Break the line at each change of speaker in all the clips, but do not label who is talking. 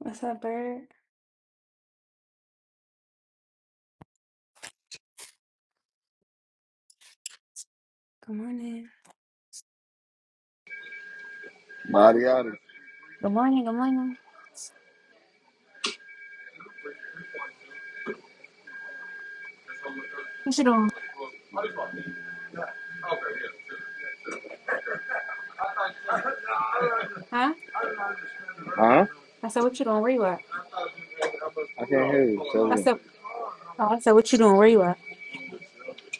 What's up, bird? Good morning.
Body out of
Good morning, good morning. What you doing? Huh?
Huh?
I said, what you doing? Where you at?
I can't hear you.
I
7
said, oh, I said, what you doing? Where you at?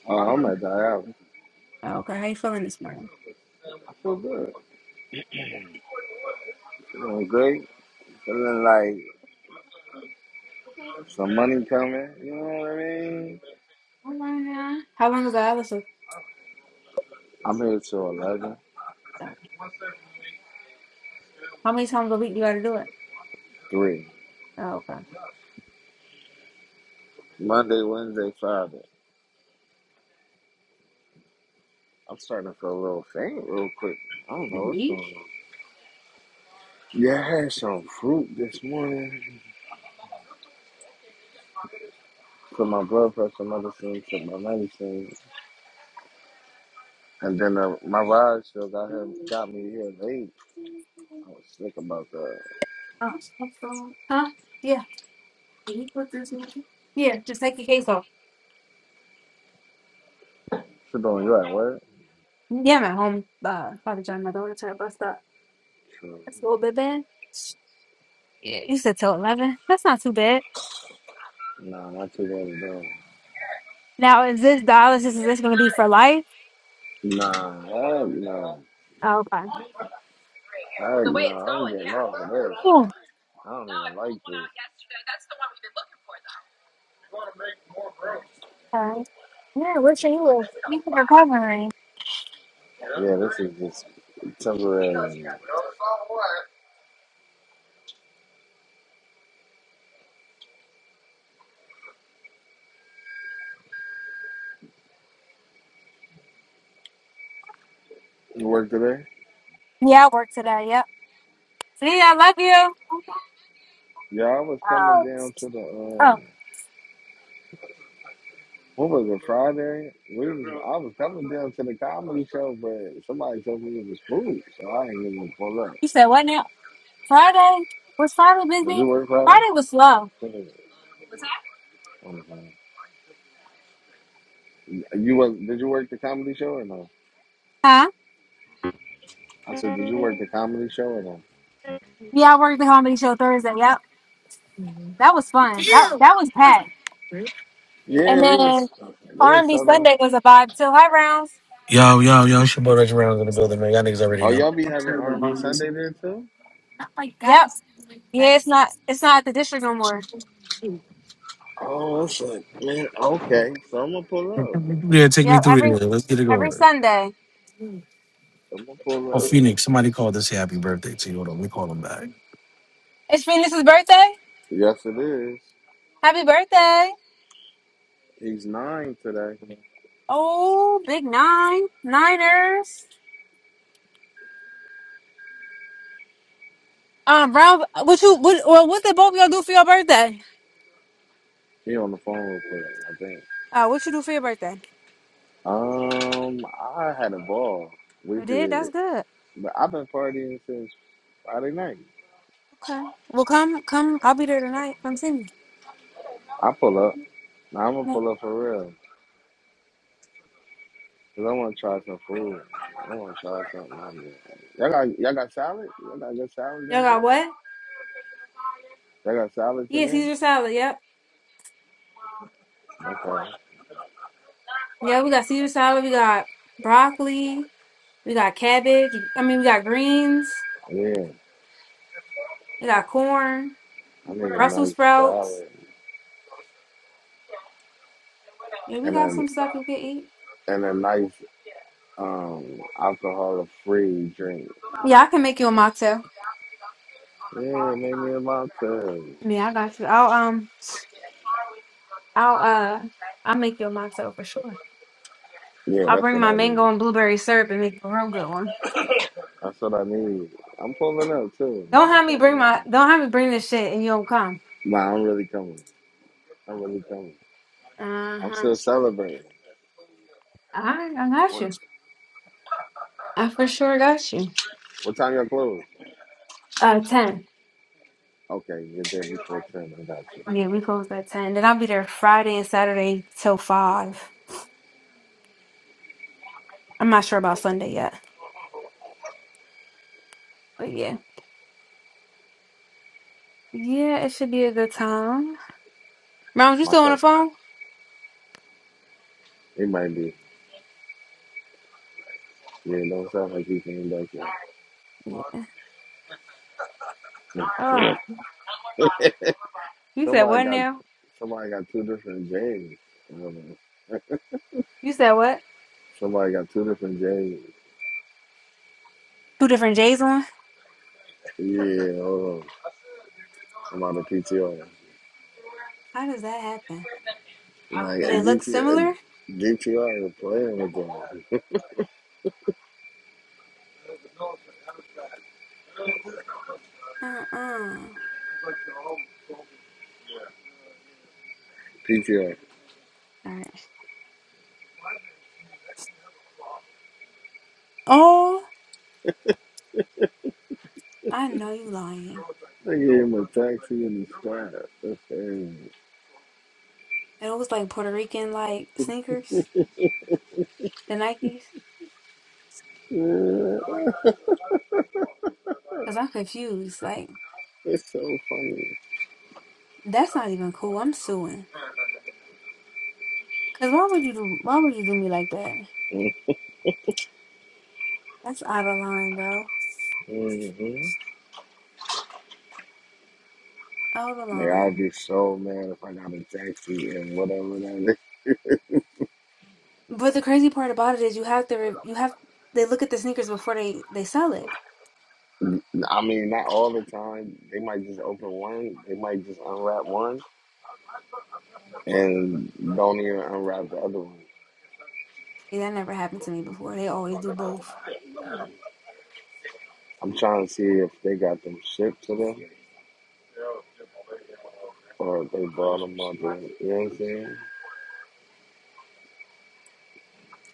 Oh, I'm at the house.
Oh, okay. How you feeling this morning?
I feel good. Feeling great. Feeling like some money coming. You know what I mean?
I'm running around. How long is the hours? of-
I'm here till eleven,
oh, How many times a week you got to do it?
three.
Oh, okay.
Monday, Wednesday, Friday. I'm starting to feel a little faint real quick. I don't
Did
know
you
what's
eat?
going on. Yeah, I had some fruit this morning. Put my blood pressure medicine, took my medicine. And then uh, my ride still got, here, got me here late. I was sick about that.
Oh. Huh? Yeah. Yeah, just take your case off.
Shit, on you at work?
Yeah, I'm at home. Uh, probably join my daughter to her bus stop.
True.
That's a little bit bad. Yeah, you said till 11. That's not too bad.
Nah, not too bad. many though.
Now, is this dialysis? Is this going to be for life?
Nah, I, nah,
Oh, okay.
I, The way it's nah, I don't get off of this.
Yeah,
I don't No, I even pulled like one this. out yesterday. That's
Okay. yeah. Where should you live? You can recovery.
the one we've been looking for, though. Yeah, this is just temporary. You work today?
Yeah, I work today. Yep. See, I love you.
Yeah, I was coming
Oh,
down to the
Oh,
um, what was it Friday? We was, I was coming down to the comedy show, but somebody told me it was food, so I ain't even pull up.
you said what now? Friday was Friday
Did
busy.
you work Friday?
Friday was slow.
What is it? Hold on, hold on. You was? Did you work the comedy show or no?
Huh?
I said, did you work the comedy show or no?
Yeah, I worked the comedy show Thursday. Yep. That was fun. That
Yo,
that was packed. And
Yeah, they
then
was they was
R&B
selling.
Sunday was a vibe too. Hi, Rounds.
yo, yo, it's your boy Reggie Reynolds in the building, man. Y'all niggas already
Oh,
know.
y'all be having R and B Sunday there too?
Yep. Yeah, it's not it's not at the district no more.
Oh, that's like man. Okay, so I'm gonna pull up.
Yeah, take me
Yep.
through
Every
it. Let's get it
every
going.
Sunday.
I'm gonna pull
Oh,
up.
Phoenix, somebody called this happy birthday to you. Hold on, let me call them back.
It's Phoenix's birthday.
Yes, it is.
Happy birthday.
He's nine today.
Oh, big nine, Niners. Um, Brown, what you, what, well, what did both of y'all do for your birthday?
He on the phone real quick, I think.
Uh, what you do for your birthday?
Um, I had a ball. We
You did? That's
did,
good.
but I've been partying since Friday night.
Okay. Well, come, come. I'll be there tonight. Come see me.
I pull up. Now I'm gonna
Y'all
pull up for real. Cause I wanna try some food. I wanna try something. out here. Y'all got y'all got salad? Y'all got good salads in
got
there?
what?
Y'all got salads in
Yeah,
there?
Caesar salad. Yep.
Okay.
Yeah, we got Caesar salad. We got broccoli. We got cabbage. I mean, we got greens.
Yeah,
We got corn,
I need a
Brussels
nice
sprouts.
salad
Yeah, we
and
got
a
some stuff you can eat.
and a nice um alcohol free drink.
Yeah, I can make you a mocktail.
Yeah, make me a mocktail.
Yeah, I got you. I'll, um, I'll uh I'll make you a mocktail for sure.
Yeah,
I'll
that's
bring
what
my
I
mango
need.
and blueberry syrup and make a real good one.
That's what I need. I'm pulling up too. man.
Don't
I'm
have me bring
coming up.
my don't have me bring this shit and you don't come.
Nah, I'm really coming. I'm really coming.
Uh
I'm
huh.
still celebrating.
I I got
What
you. I for sure got you.
what time y'all close?
Uh ten.
Okay, you're there before ten. I got you.
Yeah, we close at ten. Then I'll be there Friday and Saturday till five. I'm not sure about Sunday yet. But yeah. Yeah, it should be a good time. Mom, you
My
still on the
cousin,
phone?
he might be. Yeah, don't sound like he came back
Yeah. Oh.
yet.
You said
Somebody
what
got
now?
somebody got two different James. Um,
You said what?
somebody got two different James.
Two different J's on?
Yeah, hold on. I'm on the PTR.
How does that happen?
Like
Do they look
DTR,
similar?
is playing with them.
Mm-mm.
PTR.
Alright. Oh, I know you lying.
They gave him a taxi in the squad. That's crazy.
And it was like Puerto Rican like sneakers, the Nikes.
Yeah,
Cause I'm confused. Like
it's so funny.
that's not even cool. I'm suing. Cause why would you do? Why would you do me like that? That's out of line, bro.
Mm-hmm.
Out of
Like I'd
line.
be so mad if I got a taxi and whatever that
But the crazy part about it is you have to. Re- you have. They look at the sneakers before they they sell it.
is. I mean, not all the time. They might just open one. They might just unwrap one. and don't even unwrap the other one.
See, that never happened to me before. They always do both.
I'm trying to see if they got them shipped to them or if they brought them up. There. You know what I'm saying?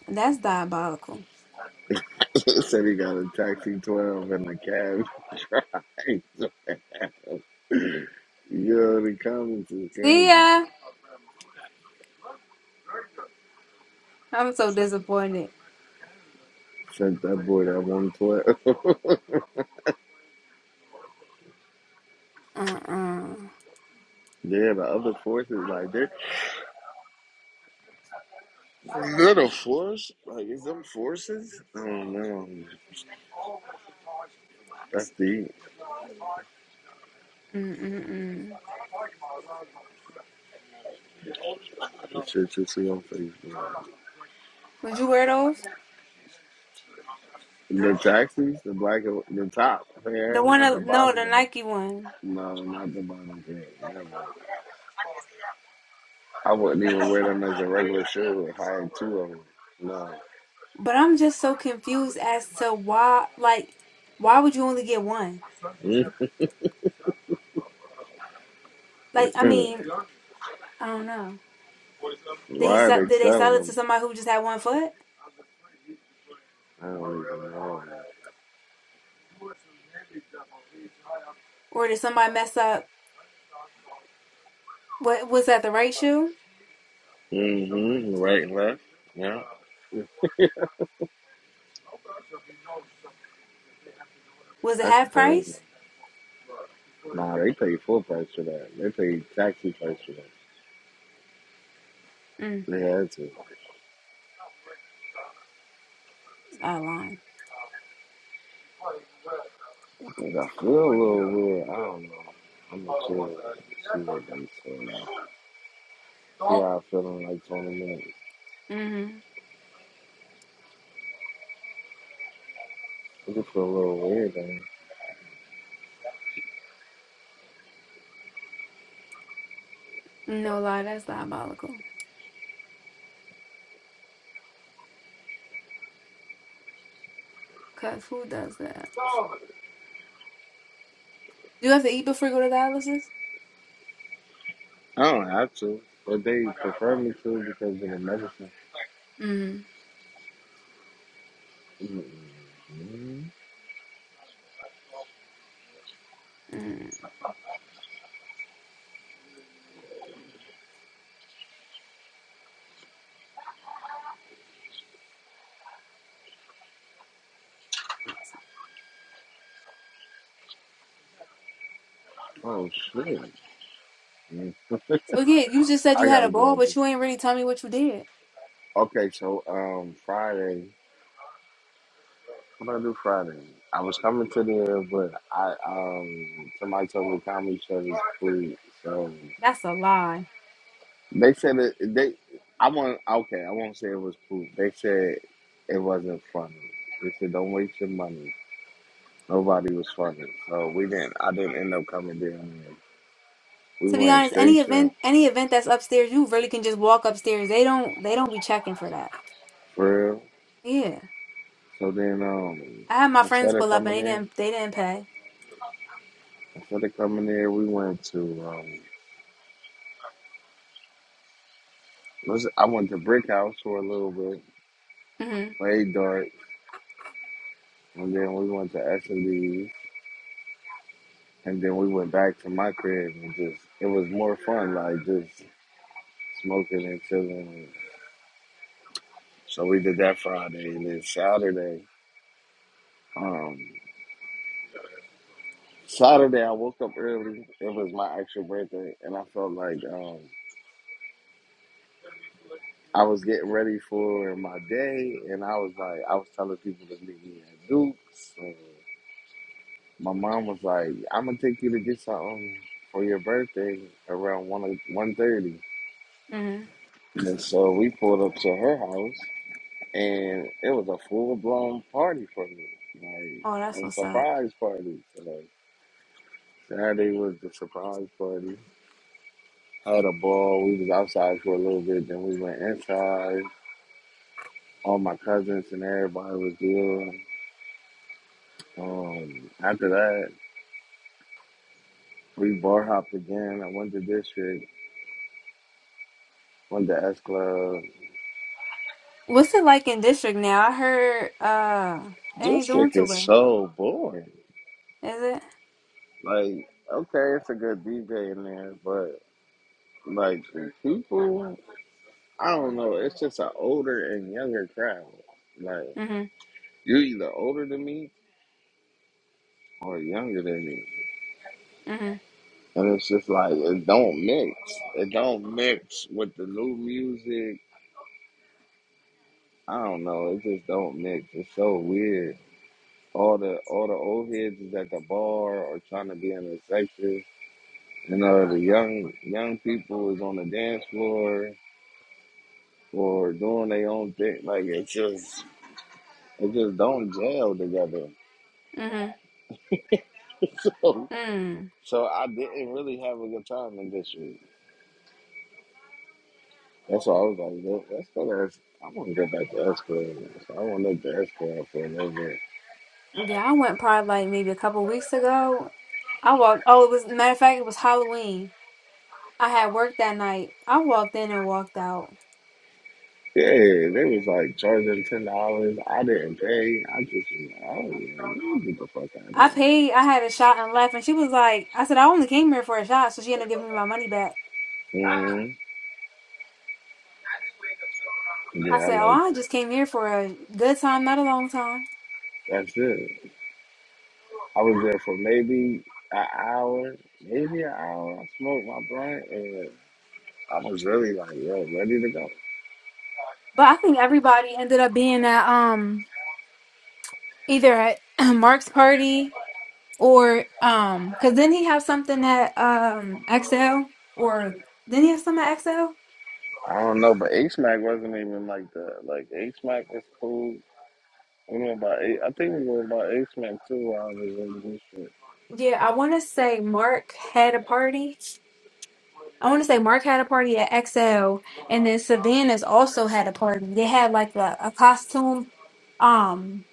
That's diabolical.
Said he got a taxi 12 and a cab. Yo, the comments is
See
crazy.
ya. I'm so disappointed.
Sent that boy that 112.
Uh uh-uh.
yeah, the other forces, like, they're, they're the force? Like, is them forces? I don't know. That's deep.
uh.
The shit you see on Facebook.
Would you wear those?
The taxis, the black, the top pair,
The one,
not
uh,
the
no,
bottom
the
pair.
Nike one.
No, not the bottom pair. Never. I wouldn't even wear them as a regular shoe and hire two of them. No.
But I'm just so confused as to why, like, why would you only get one?
Mm.
Like, I mean, I don't know. Did he
Why are
sell,
they
did they sell
selling
it to
them?
somebody who just had one foot?
I don't even know.
Or did somebody mess up? What was that the right shoe?
Mm-hmm. Right and left. Yeah.
Was it
That's
half
crazy.
price?
Nah, they pay full price for that. They pay taxi price for that.
Mm,
They had to.
it's out of line.
'Cause I feel a little weird. I don't know. I'm not sure. See what they say See how I feel in like 20 minutes.
Mm-hmm.
It just feel a little weird. I, mean.
No lie, that's diabolical. Cause who does that? Do you have to eat before you go to dialysis?
I don't have to, but they prefer me to because of the medicine.
Mm-hmm.
Mm-hmm.
Mm.
Oh shit! Mm.
So yeah, you just said you
I
had
gotta
a
get
ball,
up.
but you ain't really tell me what you did.
Okay, so um, Friday. What did I do Friday? I was coming to there, but I um, somebody told me comedy show was food. So
That's a lie.
they said that they. I want okay. I won't say it was food. They said it wasn't funny. They said don't waste your money. Nobody was funny, so we didn't. I didn't end up coming there. We
To be
went
honest, any
straight to
event, any event that's upstairs, you really can just walk upstairs. They don't, they don't be checking for that.
for real.
Yeah,
So then um
I had my friends
instead of
pull up and
coming
they
there,
didn't, they didn't pay.
instead of coming there, we went to um what's it- I went to Brick House for a little bit,
Mhm,
played dart, and then we went to S and D and then we went back to my crib and just it was more fun, like just smoking and chilling. So we did that Friday and then Saturday, um Saturday I woke up early. It was my actual birthday and I felt like um, I was getting ready for my day, and I was like, I was telling people to meet me at Duke's. And my mom was like, "I'm gonna take you to get something for your birthday around one one thirty."
mhm.
And so we pulled up to her house, and it was a full blown party for me,
Oh, that's
like a
what's up.
surprise party. So like, Saturday was the surprise party. I had a ball. We was outside for a little bit, then we went inside. All my cousins and everybody was there. Um, after that, we bar hopped again. I went to district, went to S Club.
What's it like in district now? I heard, uh, it ain't doing
District
too
is
well,
so boring.
is it?
Like, okay, it's a good DJ in there, but like the people, I don't know. It's just an older and younger crowd. Like,
Mhm,
you're either older than me or younger than me,
mhm,
and it's just like it don't mix. It don't mix with the new music. I don't know. It just don't mix. It's so weird. all the all the old heads is at the bar or trying to be in the section. You know, the young young people is on the dance floor or doing their own thing. Like it just it just don't gel together.
mhm,
so
mm.
so I didn't really have a good time in this year. That's why I was like, "Look, let's go to S- I want to go back to S Club. So I want to look to S Club for a little bit.
Yeah, I went probably like maybe a couple weeks ago. I walked. Oh, it was matter of fact, it was Halloween. I had work that night. I walked in and walked out.
Yeah, they was like charging ten dollars. I didn't pay. I just, I don't know. Get the fuck out of
I
here.
paid. I had a shot and left, and she was like, "I said I only came here for a shot," so she ended up giving me my money back.
Mhm.
I
Yeah, I
said, "Oh,
like
I just came here for a good time, not a long time."
that's it. I was there for maybe an hour, maybe an hour. I smoked my blunt and I was really like, yo, ready to go.
But I think everybody ended up being at um either at Mark's party or um because then he have something at um XL or then he have some at XL.
I don't know, but H Mac wasn't even like that. Like H Mac was cool. We went by A- I think we went by H Mac too. while I was in this shit.
Yeah, I want to say Mark had a party I want to say Mark had a party at XL, and then Savannah's also had a party. They had like a, a costume, um,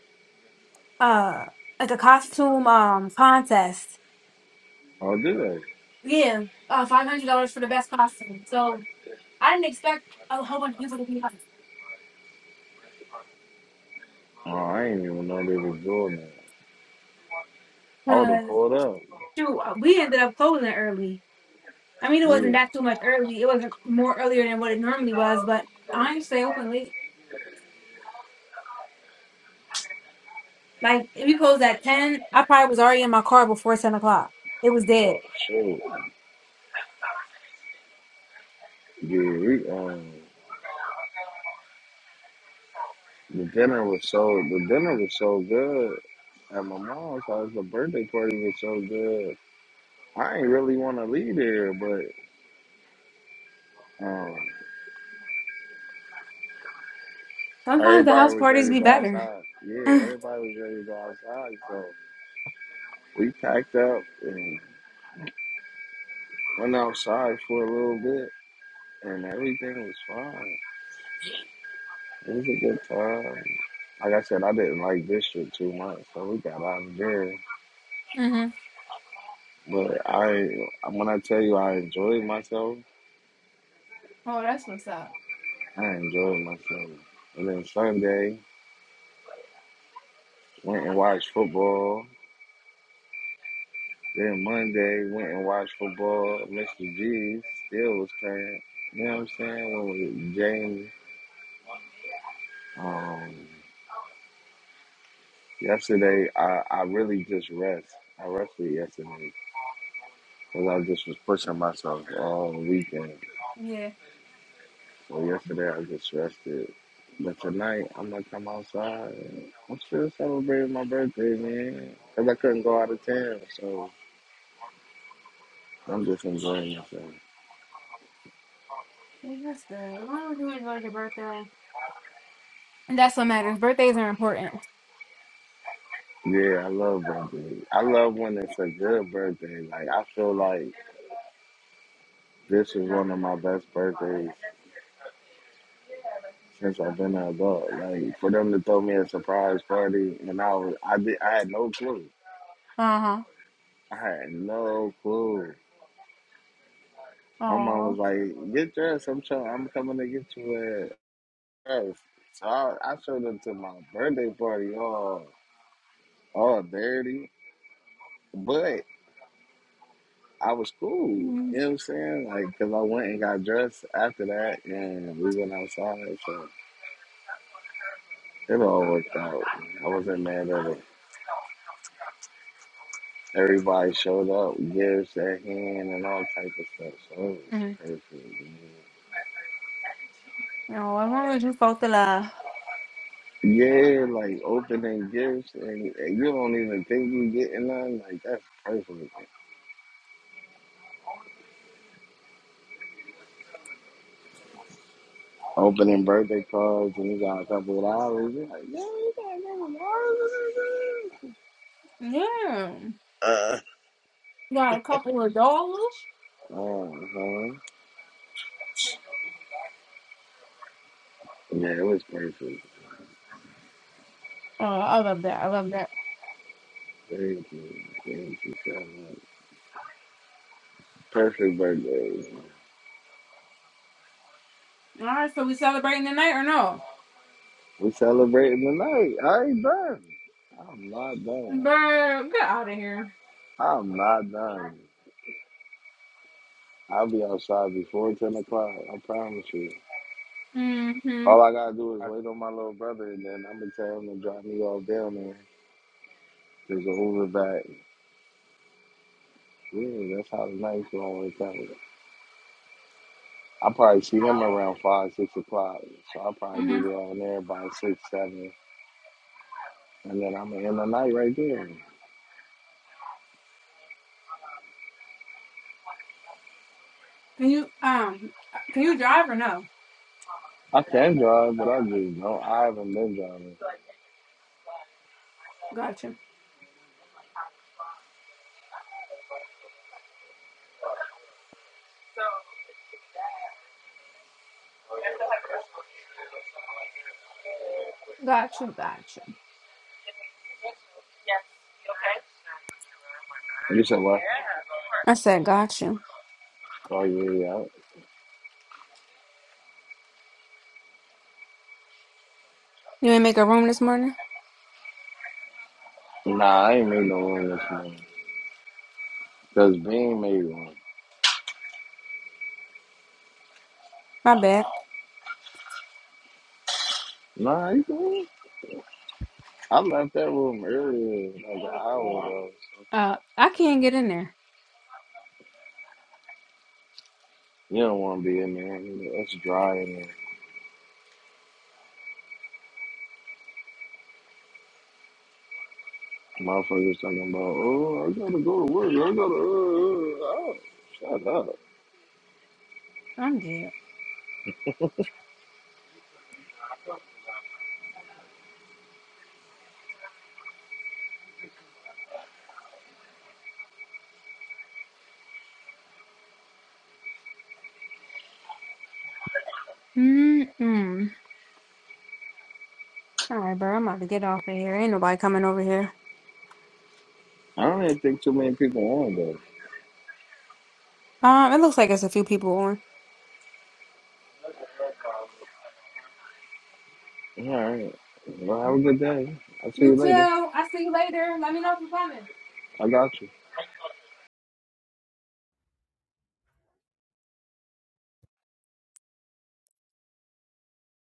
uh, like a costume um contest.
Oh, did they?
Yeah, uh, five hundred dollars for the best costume. So I didn't expect a whole bunch of people to be out
Oh, I didn't even know they was doing that. I would have
because
pulled up.
shoot, uh, we ended up closing early. I mean, it wasn't
Yeah.
that too much early. It wasn't more earlier than what it normally was, but I didn't stay open late. Like if we closed at ten, I probably was already in my car before ten o'clock. It was dead.
Oh shit. Yeah, we um the dinner was so the dinner was so good. at my mom's house. The birthday party was so good. I ain't really want to leave there, but um,
Sometimes the house
everybody was
parties
ready to
be
go
better.
outside.
hmm
Yeah, everybody was ready to go outside. So we packed up and went outside for a little bit, and everything was fine. It was a good time. Like I said, I didn't like district too much, so we got out of there.
oh,
But I, when I tell you, I enjoyed myself.
hmm that's what's up.
I enjoyed myself. And then Sunday, went and watched football. Then Monday, went and watched football. Mr. G still was playing. You know what I'm saying? When we James. Um, yesterday, I, I really just rest. I rested yesterday because I just was pushing myself all weekend.
Yeah,
So yesterday, I just rested. But tonight, I'm gonna come outside. and I'm still celebrating my birthday, man. Cause I couldn't go out of town, so I'm just enjoying myself.
Well, that's good. As long as you enjoy your birthday, and that's what matters. Birthdays are important.
Yeah, I love birthdays. I love when it's a good birthday. Like I feel like this is one of my best birthdays since I've been an adult. Like for them to throw me a surprise party, and I was I did I had no clue.
Uh huh.
I had no clue. My mom was
Oh.
like, "Get dressed. I'm trying. I'm coming to get you a dress." So I, I showed up to my birthday party all all dirty, but. I was cool. You
Mm-hmm.
know what I'm saying? Like, cause I went and got dressed after that, and we went outside, so it all worked out. I wasn't mad at it. Everybody showed up, gifts at hand, and all type of stuff. So
mm
it was perfect.
Oh, as long as you felt the love.
Yeah, like opening gifts, and, and you don't even think you getting none. Like that's perfect. Opening birthday cards, and you got a couple of dollars. You're like, yeah.
Yeah, you got a couple of dollars.
Uh huh. Yeah, it was perfect.
Oh, I love that. I love that.
Thank you. Thank you so much. Perfect birthday.
All right, so we celebrating tonight or no?
We celebrating tonight. I ain't done. I'm not done.
Bro, get out of here.
I'm not done. I'll be outside before 10 o'clock. I promise you.
Mm-hmm.
All I gotta do is wait on my little brother and then I'm gonna tell him to drop me off down there. There's an Uber back. Yeah, that's how the night's gonna work out. i probably see him around 5, 6 o'clock. So I'll
Mm-hmm.
probably be down there by 6, 7. And then I'm gonna end the night right there.
Can you um can you drive or no?
I can drive, but I just don't. I haven't been driving.
Got you. Got you, got you.
You said what?
I said got you.
Oh yeah,
You ain't make a room this morning?
yeah. Nah, I ain't made no room this morning. Cause Bean made one.
My bad.
Nah, you can. I left that room earlier, like an hour ago.
Uh I can't get in there.
You don't want to be in there. It's dry in there. Motherfuckers talking about, oh, I gotta go to work. I gotta. Uh, uh, uh." Shut up.
I'm dead. Mm-mm. All right, bro. I'm about to get off of here. Ain't nobody coming over here.
I don't even think too many people want though.
Um, it looks like it's a few people on.
All right. Well, have a good day. I'll see
You
you
too.
later.
I see you later. Let me know if you're coming.
I got you.